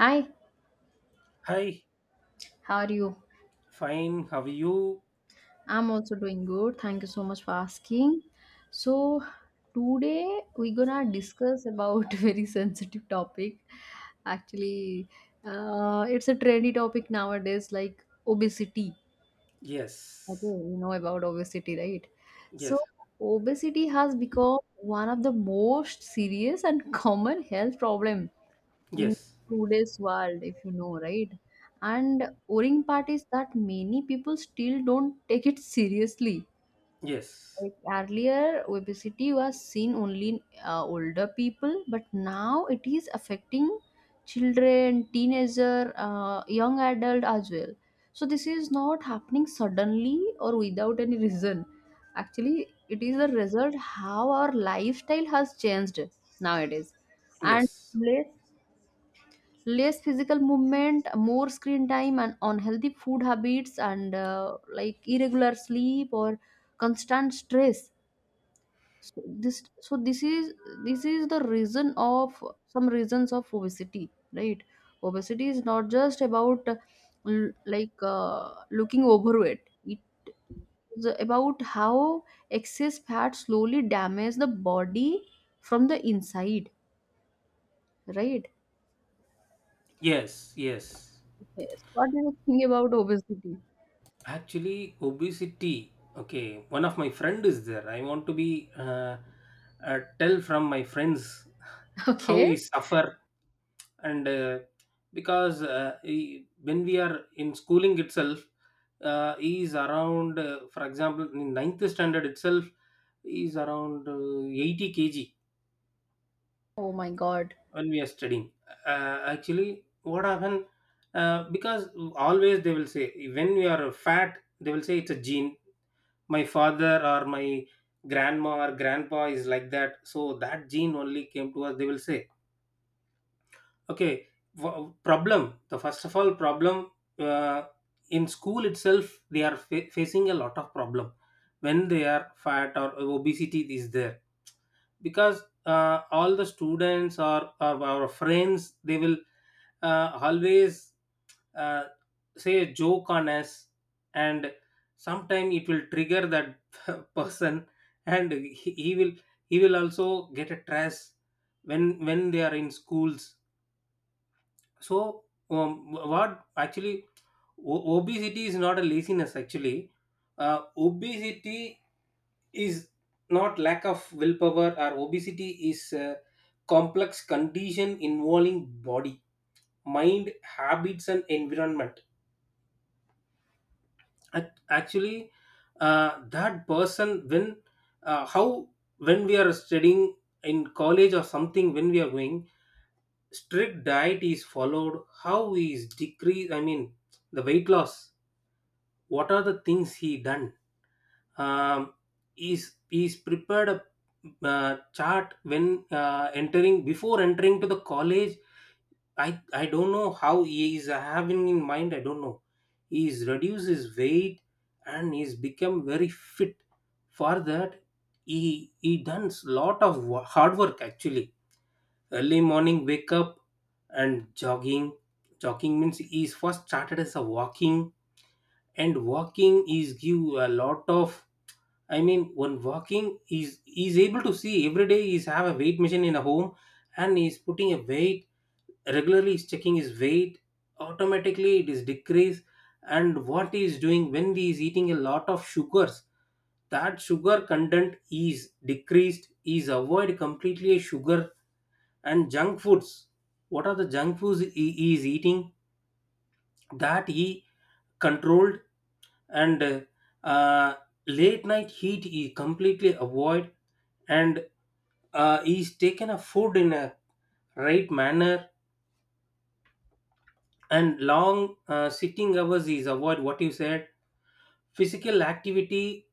Hi, Hi, how are you? fine. How are you? I'm also doing good. Thank you so much for asking. So, today we're gonna discuss about very sensitive topic. Actually, it's a trendy topic nowadays, like obesity. Okay, Yes, you know about obesity, right? yes, So, obesity has become one of the most serious and common health problems in yes, today's world, if you know, right? And worrying part is that many people still don't take it seriously. yes, Like earlier, obesity was seen only in older people, but now it is affecting children, teenager, young adult as well. So this is not happening suddenly or without any reason. Actually, it is a result how our lifestyle has changed nowadays, and yes, less less physical movement, more screen time, and unhealthy food habits, and like irregular sleep or constant stress. So this is the reason of, some reasons of obesity, right? Obesity is not just about like looking overweight. It is about how excess fat slowly damages the body from the inside, right? yes, yes. Yes. What do you think about obesity? Actually, obesity. Okay, one of my friend is there. I want to be, tell from my friends how he Okay. suffer and because when we are in schooling itself, he is around. For example, in ninth standard itself, he is around 80 kg Oh my God. when we are studying, actually, what happened? Because always they will say when we are fat they will say it's a gene. My father or my grandma or grandpa is like that, so that gene only came to us, they will say. Okay, problem, the first of all problem, uh, in school itself they are facing a lot of problem when they are fat or obesity is there, because all the students, or our friends, they will, always, uh, say a joke on us, and sometime it will trigger that person, and he will he will also get a stress when they are in schools. So what actually obesity is not a laziness actually. Obesity is not lack of willpower, or obesity is a complex condition involving body, mind, habits and environment. Actually, that person, when how, when we are studying in college or something, when we are going, strict diet is followed. How is decrease, I mean the weight loss. What are the things he done? um is prepared a chart when entering, before entering to the college. I don't know how he is having in mind, I don't know. He's reduced his weight, and he's become very fit. For that, he done lot of hard work actually. Early morning wake up and jogging. Jogging means is first started as a walking, and walking is give a lot of, I mean one walking is able to see. Every day is have a weight machine in a home, and is putting a weight, regularly is checking his weight, automatically it is decreased. And what he is doing when he is eating a lot of sugars, that sugar content is decreased, is avoid completely sugar and junk foods. What are the junk foods he is eating, that he controlled. And uh, late night heat he completely avoid. And he's taken a food in a right manner. And long sitting hours is avoid. What you said, physical activity,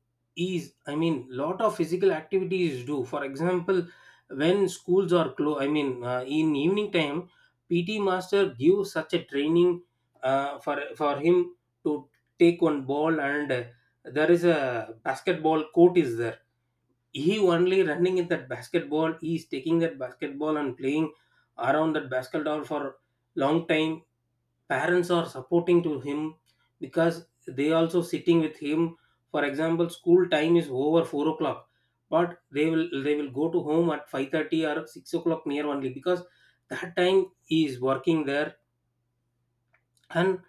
is, I mean lot of physical activity is due. For example, when schools are closed, I mean in evening time, PT master gives such a training for him to take one ball and, there is a basketball court is there. He only running in that basketball, he is taking that basketball and playing around that basketball for long time. Parents are supporting to him because they also sitting with him. For example, school time is over 4 o'clock, but they will go to home at 5:30 or 6 o'clock near only, because that time he is working there. And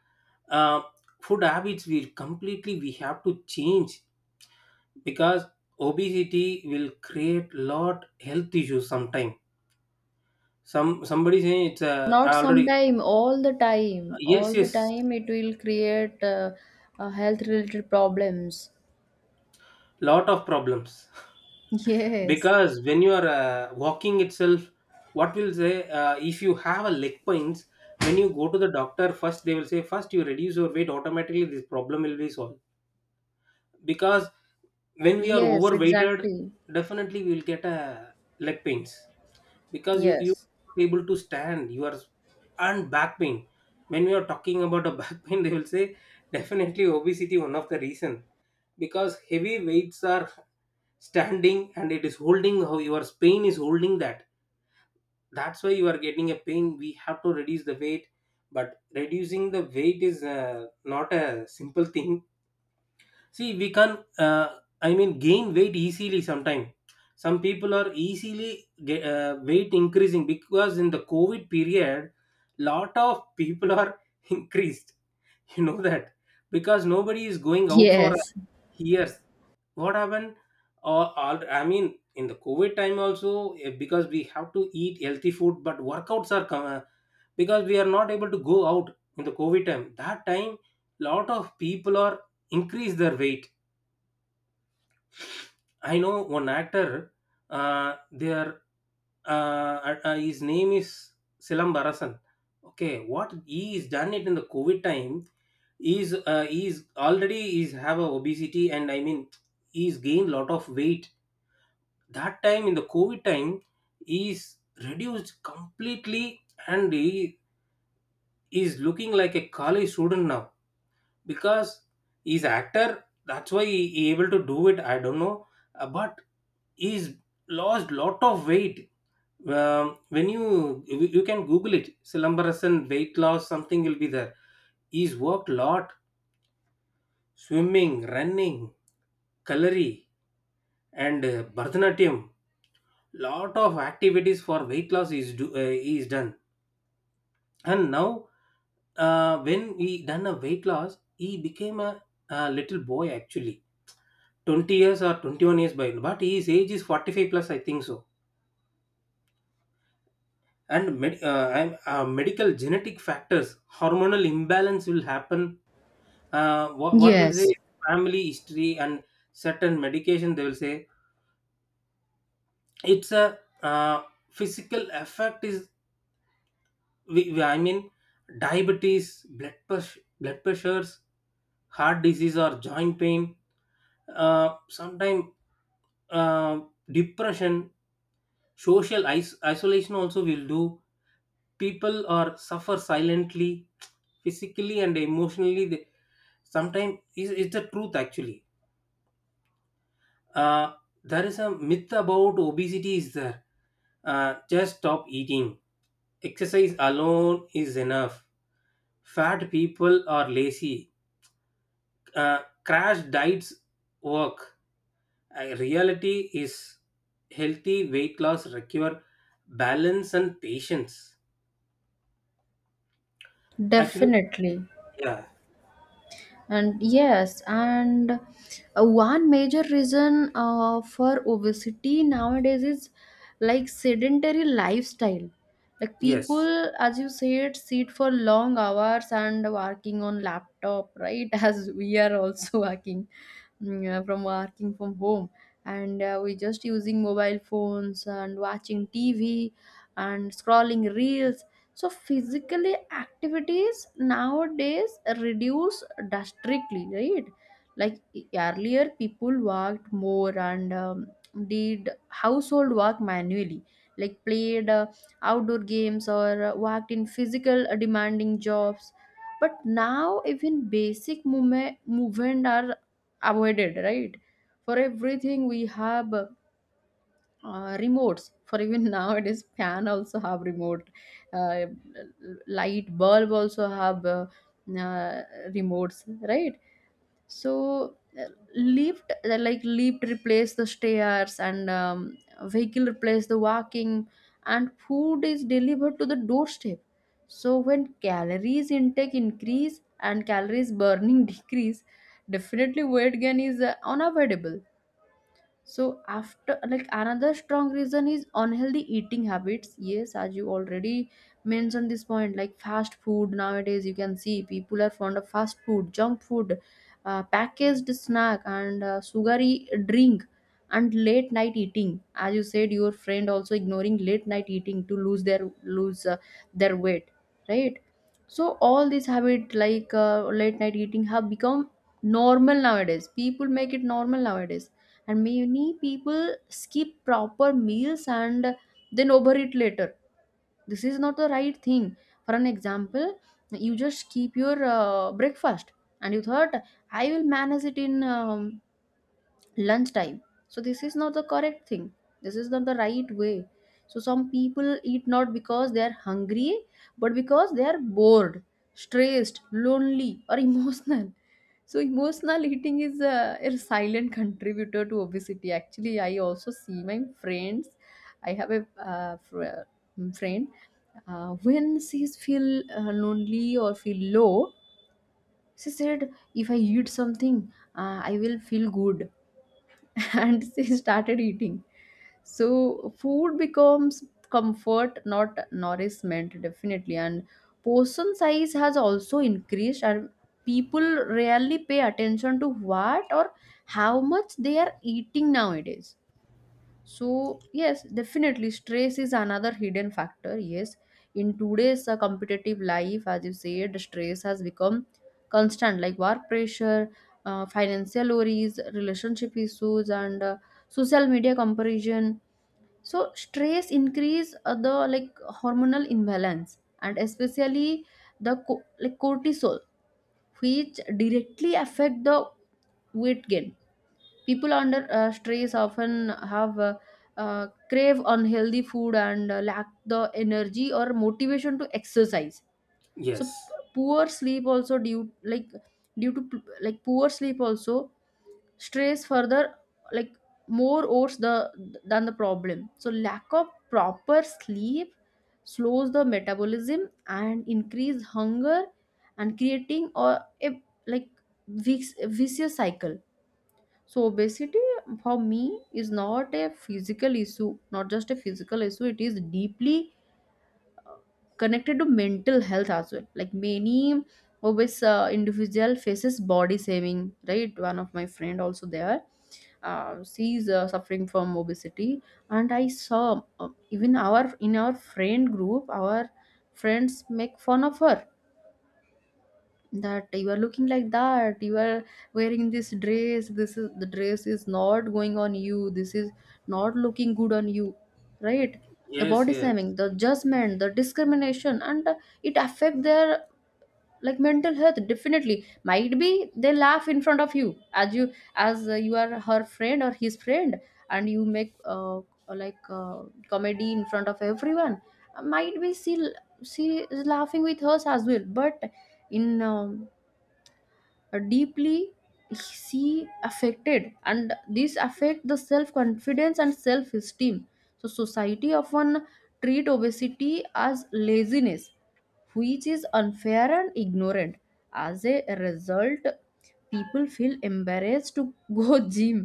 uh, food habits will completely we have to change, because obesity will create lot health issues sometime. Some somebody saying it's Not already. sometime, all the time. Yes, All the yes, time it will create health related problems. lot of problems. Yes. Because when you are walking itself, what will say, if you have a leg pains, when you go to the doctor first they will say, first you reduce your weight, automatically this problem will be solved. Because when we are Yes, overweighted, exactly. definitely we will get a leg pains. Because you Yes. are not able to stand, you are. And back pain, when we are talking about a back pain, they will say definitely obesity one of the reason. Because heavy weights are standing and it is holding, how your pain is holding that, that's why you are getting a pain. We have to reduce the weight, but reducing the weight is not a simple thing. See we can, I mean, gain weight easily sometime. Some people are easily get, weight increasing, because in the covid period lot of people are increased, you know that. Because nobody is going out for Yes. years. What happened? Or I mean in the covid time also, eh, because we have to eat healthy food but workouts are come, because we are not able to go out. In the covid time, that time lot of people are increase their weight. I know one actor, their, his name is Silam Barasan. Okay, what he is done it in the covid time, is, he is already is have a obesity, and I mean he's gained lot of weight that time. In the covid time, is reduced completely, and he is looking like a college student now. Because he's actor, that's why he able to do it, I don't know. But he's lost lot of weight. um, when you, you can google it, silambarasan weight loss, something will be there. He's worked lot, swimming, running, kalari, and bharatanatyam. Lot of activities for weight loss is do, is done. And now when he done a weight loss, he became a little boy actually. 20 years or 21 years by, but his age is 45 plus, I think so. And medical genetic factors, hormonal imbalance will happen. What will say, Yes. family history and certain medication, they will say. It's a, physical effect is, I mean diabetes, blood pressures, heart disease or joint pain, sometime uh, depression, social isolation also will do. People are suffer silently, physically and emotionally they, sometimes is, it's the truth actually. uh, there is a myth about obesity is there. Just stop eating, exercise alone is enough, fat people are lazy, crash diets work. Reality is healthy weight loss require balance and patience. Actually, Definitely. yeah, And yes, and one major reason for obesity nowadays is like sedentary lifestyle, like yes, people, as you said, sit for long hours and working on laptop, right? As we are also working, from working from home, and we just using mobile phones and watching tv and scrolling reels. So physically activities nowadays reduce drastically, right? Like earlier people worked more and, did household work manually, like played outdoor games, or worked in physical demanding jobs. But now even basic movement are avoided, right? For everything we have remotes. For even, nowadays, fan also have remote, uh, light bulb also have uh, remotes, right? So lift replace the stairs, and vehicle replace the walking, and food is delivered to the doorstep. So when calories intake increase and calories burning decrease, definitely weight gain is unavoidable. So after, like, another strong reason is unhealthy eating habits. Yes, as you already mentioned this point, like fast food, nowadays you can see people are fond of fast food, junk food, packaged snack, and sugary drink, and late night eating. As you said, your friend also ignoring late night eating to lose their weight, right? So all these habit, like late night eating, have become normal nowadays. People make it normal nowadays, and many people skip proper meals and then overeat later. This is not the right thing. For an example, you just keep your breakfast and you thought, I will manage it in, lunchtime. So this is not the correct thing. This is not the right way. So some people eat not because they are hungry, but because they are bored, stressed, lonely, or emotional. So emotional eating is a silent contributor to obesity. Actually, I also see my friends. I have a, friend. When she feel lonely or feel low, she said, "If I eat something, I will feel good." And she started eating. So food becomes comfort, not nourishment, definitely. And portion size has also increased, and people rarely pay attention to what or how much they are eating nowadays. So, yes, definitely stress is another hidden factor. Yes, in today's competitive life, as you said, stress has become constant, like work pressure, financial worries, relationship issues, and social media comparison. So, stress increase the, like, hormonal imbalance, and especially the like cortisol, which directly affect the weight gain. People under stress often have crave unhealthy food, and lack the energy or motivation to exercise. So yes, poor sleep also, due, like, due to poor sleep also, stress further, like, more worse the problem. So lack of proper sleep slows the metabolism and increase hunger, and creating or a, like, vicious cycle. So obesity, for me, is not a physical issue, not just a physical issue. It is deeply connected to mental health as well. Like many obese individual faces body shaming, right? One of my friend also there, she is suffering from obesity, and I saw, even our in our friend group, our friends make fun of her, that you are looking like that, you are wearing this dress, this is the dress, is not going on you, this is not looking good on you, right? The yes, body shaming, yes, the judgment, the discrimination, and it affect their, like, mental health. Definitely, might be they laugh in front of you, as you, as you are her friend or his friend, and you make like, comedy in front of everyone. Might be she is laughing with us as well, but in, deeply see affected, and this affect the self confidence and self esteem. So society often treat obesity as laziness, which is unfair and ignorant. As a result, people feel embarrassed to go gym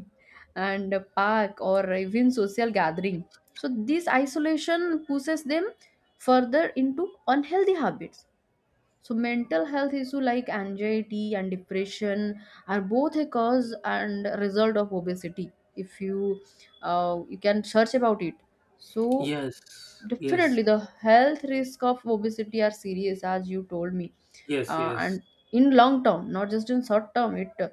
and park or even social gathering. So this isolation pushes them further into unhealthy habits. So mental health issue like anxiety and depression are both a cause and result of obesity. If you, you can search about it. So yes, yes, definitely the health risk of obesity are serious, as you told me. yes, yes, And in long term, not just in short term, it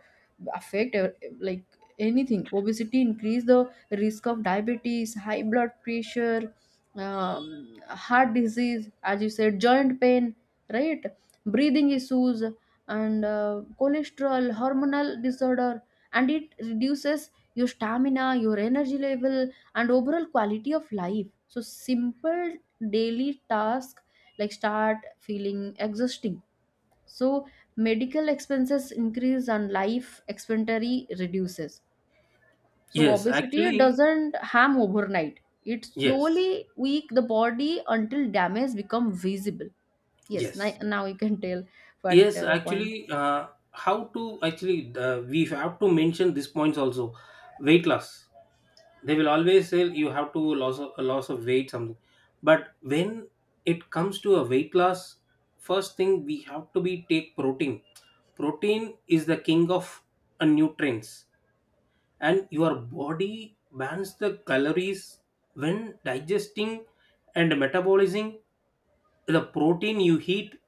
affect like anything. Obesity increase the risk of diabetes, high blood pressure, heart disease, as you said, joint pain, right, breathing issues, and cholesterol, hormonal disorder. And it reduces your stamina, your energy level, and overall quality of life. So simple daily task like start feeling exhausting. So medical expenses increase and life expectancy reduces. So yes. obesity Actually, doesn't harm overnight. It yes, slowly weak the body until damage become visible. Yes. yes, Now you can tell what yes. The point. Actually, how to actually we have to mention these points also. Weight loss. They will always say you have to loss of, a loss of weight something. But when it comes to a weight loss, first thing we have to be take protein. Protein is the king of nutrients, and your body burns the calories when digesting and metabolizing the protein you eat.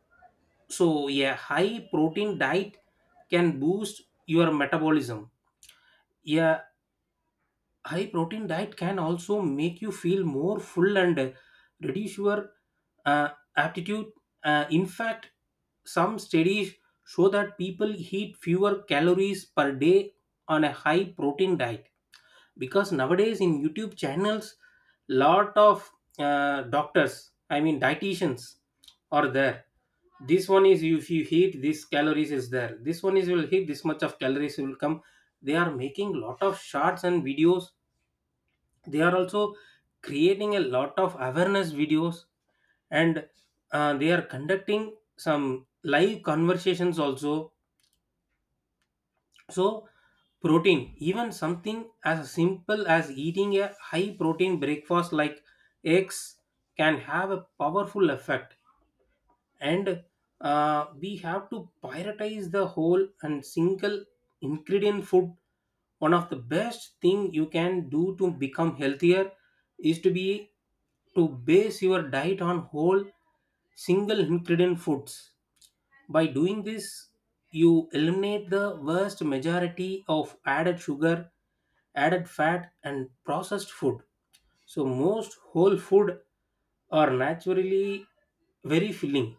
So a high protein diet can boost your metabolism. A high protein diet can also make you feel more full, and reduce your uh, aptitude. In fact, some studies show that people eat fewer calories per day on a high protein diet. Because nowadays in youtube channels lot of doctors, I mean dietitians, are there. This one is if you eat this calories is there, this one is will hit this much of calories will come. They are making lot of shots and videos. They are also creating a lot of awareness videos. And they are conducting some live conversations also. So protein, even something as simple as eating a high protein breakfast like eggs, can have a powerful effect. And we have to prioritize the whole and single ingredient food. One of the best thing you can do to become healthier is to base your diet on whole single ingredient foods. By doing this, you eliminate the vast majority of added sugar, added fat and processed food. So most whole food are naturally very filling,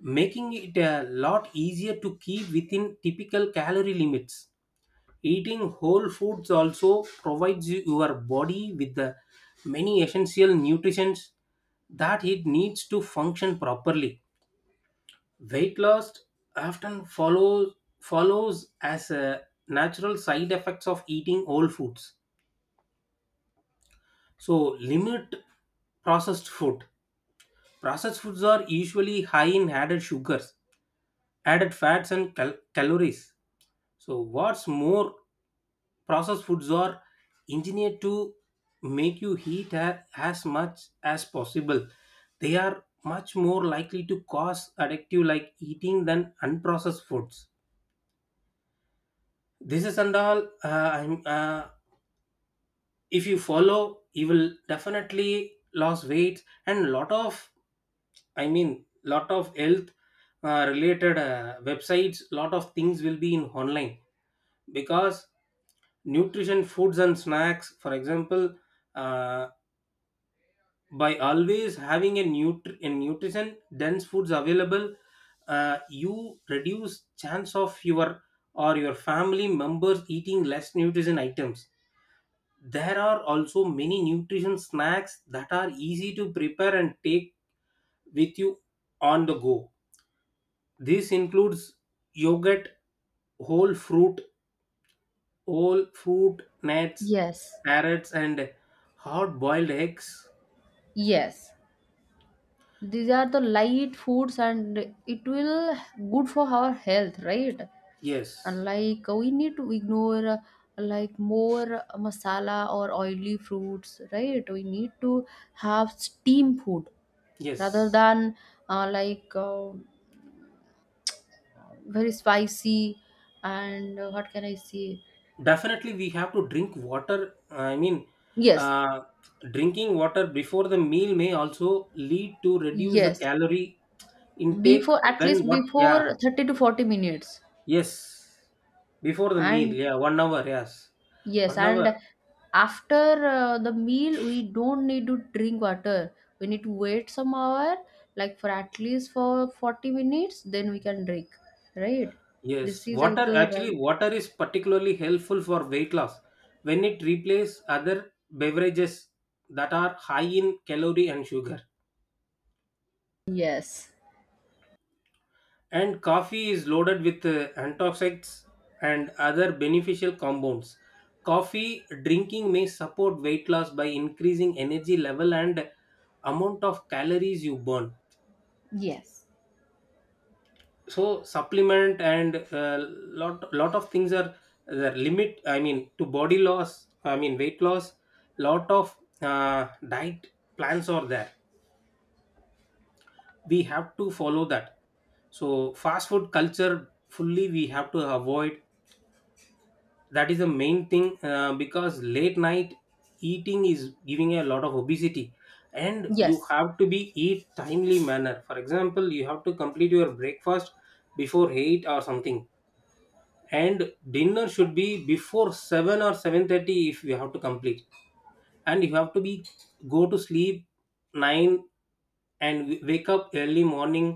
making it a lot easier to keep within typical calorie limits. Eating whole foods also provides you- your body with the many essential nutrients that it needs to function properly. Weight loss often follows as a natural side effects of eating whole foods. So limit processed food. Processed foods are usually high in added sugars, added fats and calories. So, what's more, processed foods are engineered to make you eat as much as possible. They are much more likely to cause addictive like eating than unprocessed foods. This is and all. If you follow, you will definitely lose weight, and lot of, I mean lot of health related websites, lot of things will be in online. Because nutrition foods and snacks, for example, uh, by always having a, a nutrition dense foods available, you reduce chance of your or your family members eating less nutrition items. There are also many nutrition snacks that are easy to prepare and take with you on the go. This includes yogurt, whole fruit, whole fruit nuts, Yes, carrots, and hard boiled eggs. yes, these are the light foods and it will good for our health, right? And Yes, like we need to ignore, like, more masala or oily fruits, right? We need to have steam food rather yes. than, like, very spicy, and what can I say. Definitely, we have to drink water. I mean, Yes. uh, drinking water before the meal may also lead to reduce the Yes, calorie intake. before, at When least what? Yeah, before 30 to 40 minutes. yes. Before the meal, And, yeah, 1 hour, yes. yes, 1 hour. and after the meal, we don't need to drink water. We need to wait some hour, like, for at least for 40 minutes, then we can drink, right? This Yes, is like water, the actually right. water is particularly helpful for weight loss when it replaces other beverages that are high in calorie and sugar. Yes, And coffee is loaded with antioxidants and other beneficial compounds. Coffee drinking may support weight loss by increasing energy level and amount of calories you burn. yes, So supplement and lot of things are the limit, I mean to body loss, I mean weight loss. Lot of diet plans are there, we have to follow that. So fast food culture fully we have to avoid, that is the main thing. Because late night eating is giving a lot of obesity. And you yes, have to be eat timely manner. For example, you have to complete your breakfast before 8 or something, and dinner should be before 7 or 7:30 if you have to complete. And you have to be go to sleep 9, and wake up early morning.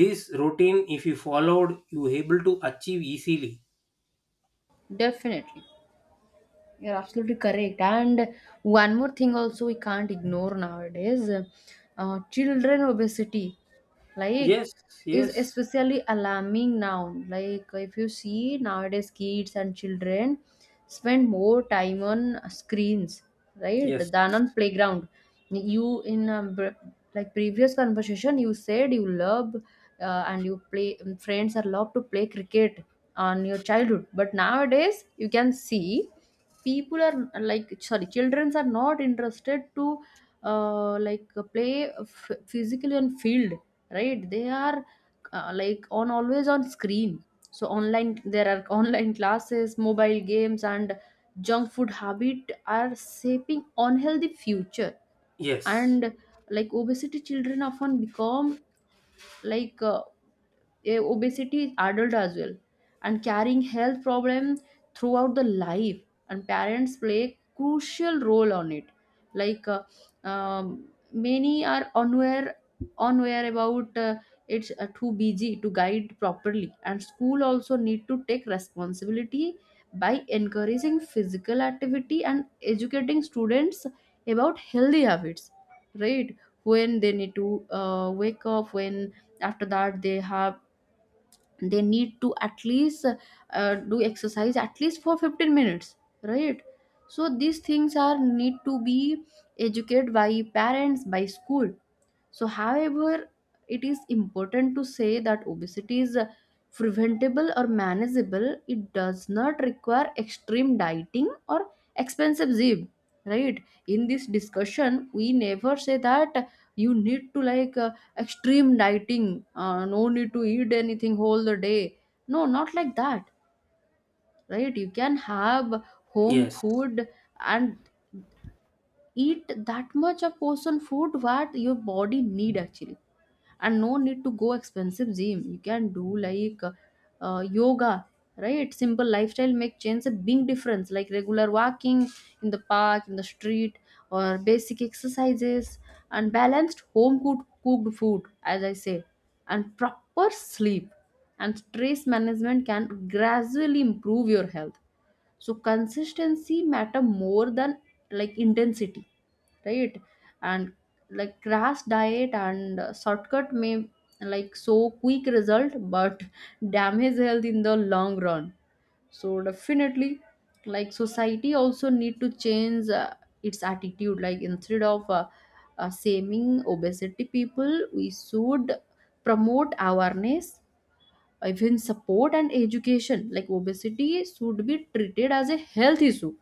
This routine if you followed, you able to achieve easily. definitely. You're absolutely correct. And one more thing also we can't ignore nowadays, children obesity, like, Yes, is yes, especially alarming now. Like if you see nowadays, kids and children spend more time on screens, right, yes, than on playground. You in, like previous conversation, you said you love, and you play, friends are love to play cricket on your childhood, but nowadays you can see people are, like, sorry, childrens are not interested to, like, play physically on field, right? They are, like, on, always on screen. So online, there are online classes, mobile games, and junk food habit are shaping unhealthy future. yes, And, like, obesity children often become, like, obesity is adult as well, and carrying health problems throughout the life. And parents play a crucial role on it, like, um, many are unaware about it's too busy to guide properly. And school also need to take responsibility by encouraging physical activity and educating students about healthy habits, right? When they need to, wake up, when after that they need to, at least, do exercise, at least for 15 minutes, right? So these things are need to be educated by parents, by school. So, however, it is important to say that obesity is preventable or manageable. It does not require extreme dieting or expensive gym, right? In this discussion, we never say that you need to, like, extreme dieting, no need to eat anything whole the day. No, not like that, right? You can have home yes, food, and eat that much of portion food what your body need actually, and no need to go expensive gym. You can do like, yoga, right? Simple lifestyle make change a big difference, like regular walking in the park, in the street, or basic exercises, and balanced home cooked food, as I say, and proper sleep, and stress management, can gradually improve your health. So consistency matter more than, like, intensity, right? And, like, crash diet and shortcut may, like, so quick result, but damage health in the long run. So definitely, like, society also need to change its attitude, like, instead of shaming obesity people, we should promote awareness, even support and education. Like, obesity should be treated as a health issue,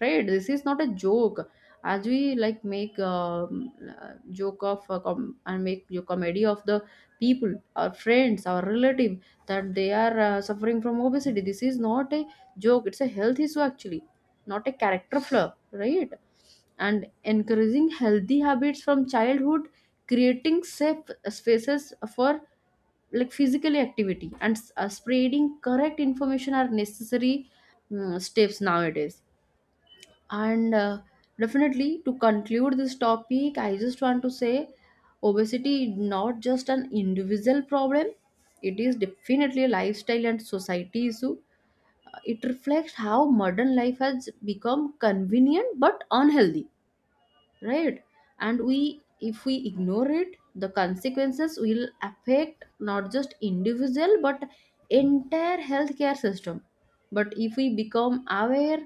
right? This is not a joke. As we, like, make, joke of, and make comedy of the people, our friends, our relative, that they are suffering from obesity, this is not a joke, it's a health issue actually, not a character flaw, right? And encouraging healthy habits from childhood, creating safe spaces for, like, physical activity, and spreading correct information are necessary, steps nowadays. And definitely, to conclude this topic, I just want to say, obesity is not just an individual problem, it is definitely a lifestyle and society issue. It reflects how modern life has become convenient but unhealthy, right? And we, if we ignore it, the consequences will affect not just individual but entire healthcare system. But if we become aware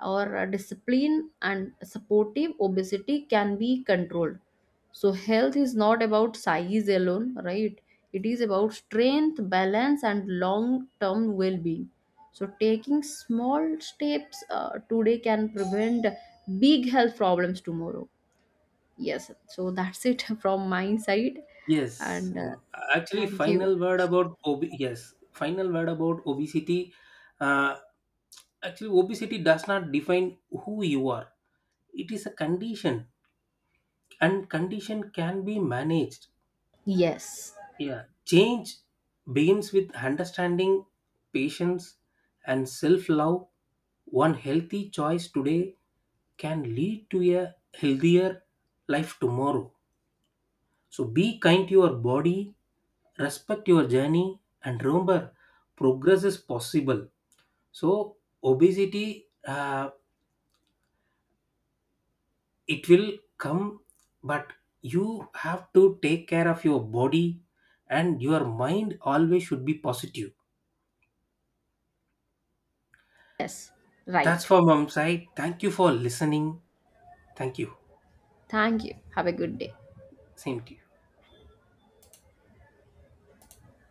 or, disciplined and supportive, obesity can be controlled. So health is not about size alone, right? It is about strength, balance, and long term well being. So taking small steps today can prevent big health problems tomorrow. Yes, so that's it from my side. yes. And Mm, actually, thank you. final word about yes, final word about obesity. uh, Actually, obesity does not define who you are. It is a condition, and condition can be managed. Yes, Yeah, change begins with understanding, patience, and self love. One healthy choice today can lead to a healthier life tomorrow. So be kind to your body, respect your journey, and remember progress is possible. So, obesity, it will come, but you have to take care of your body, and your mind always should be positive. yes, That's right. for mom's side, thank you for listening. Thank you, Thank you. Have a good day. same to you.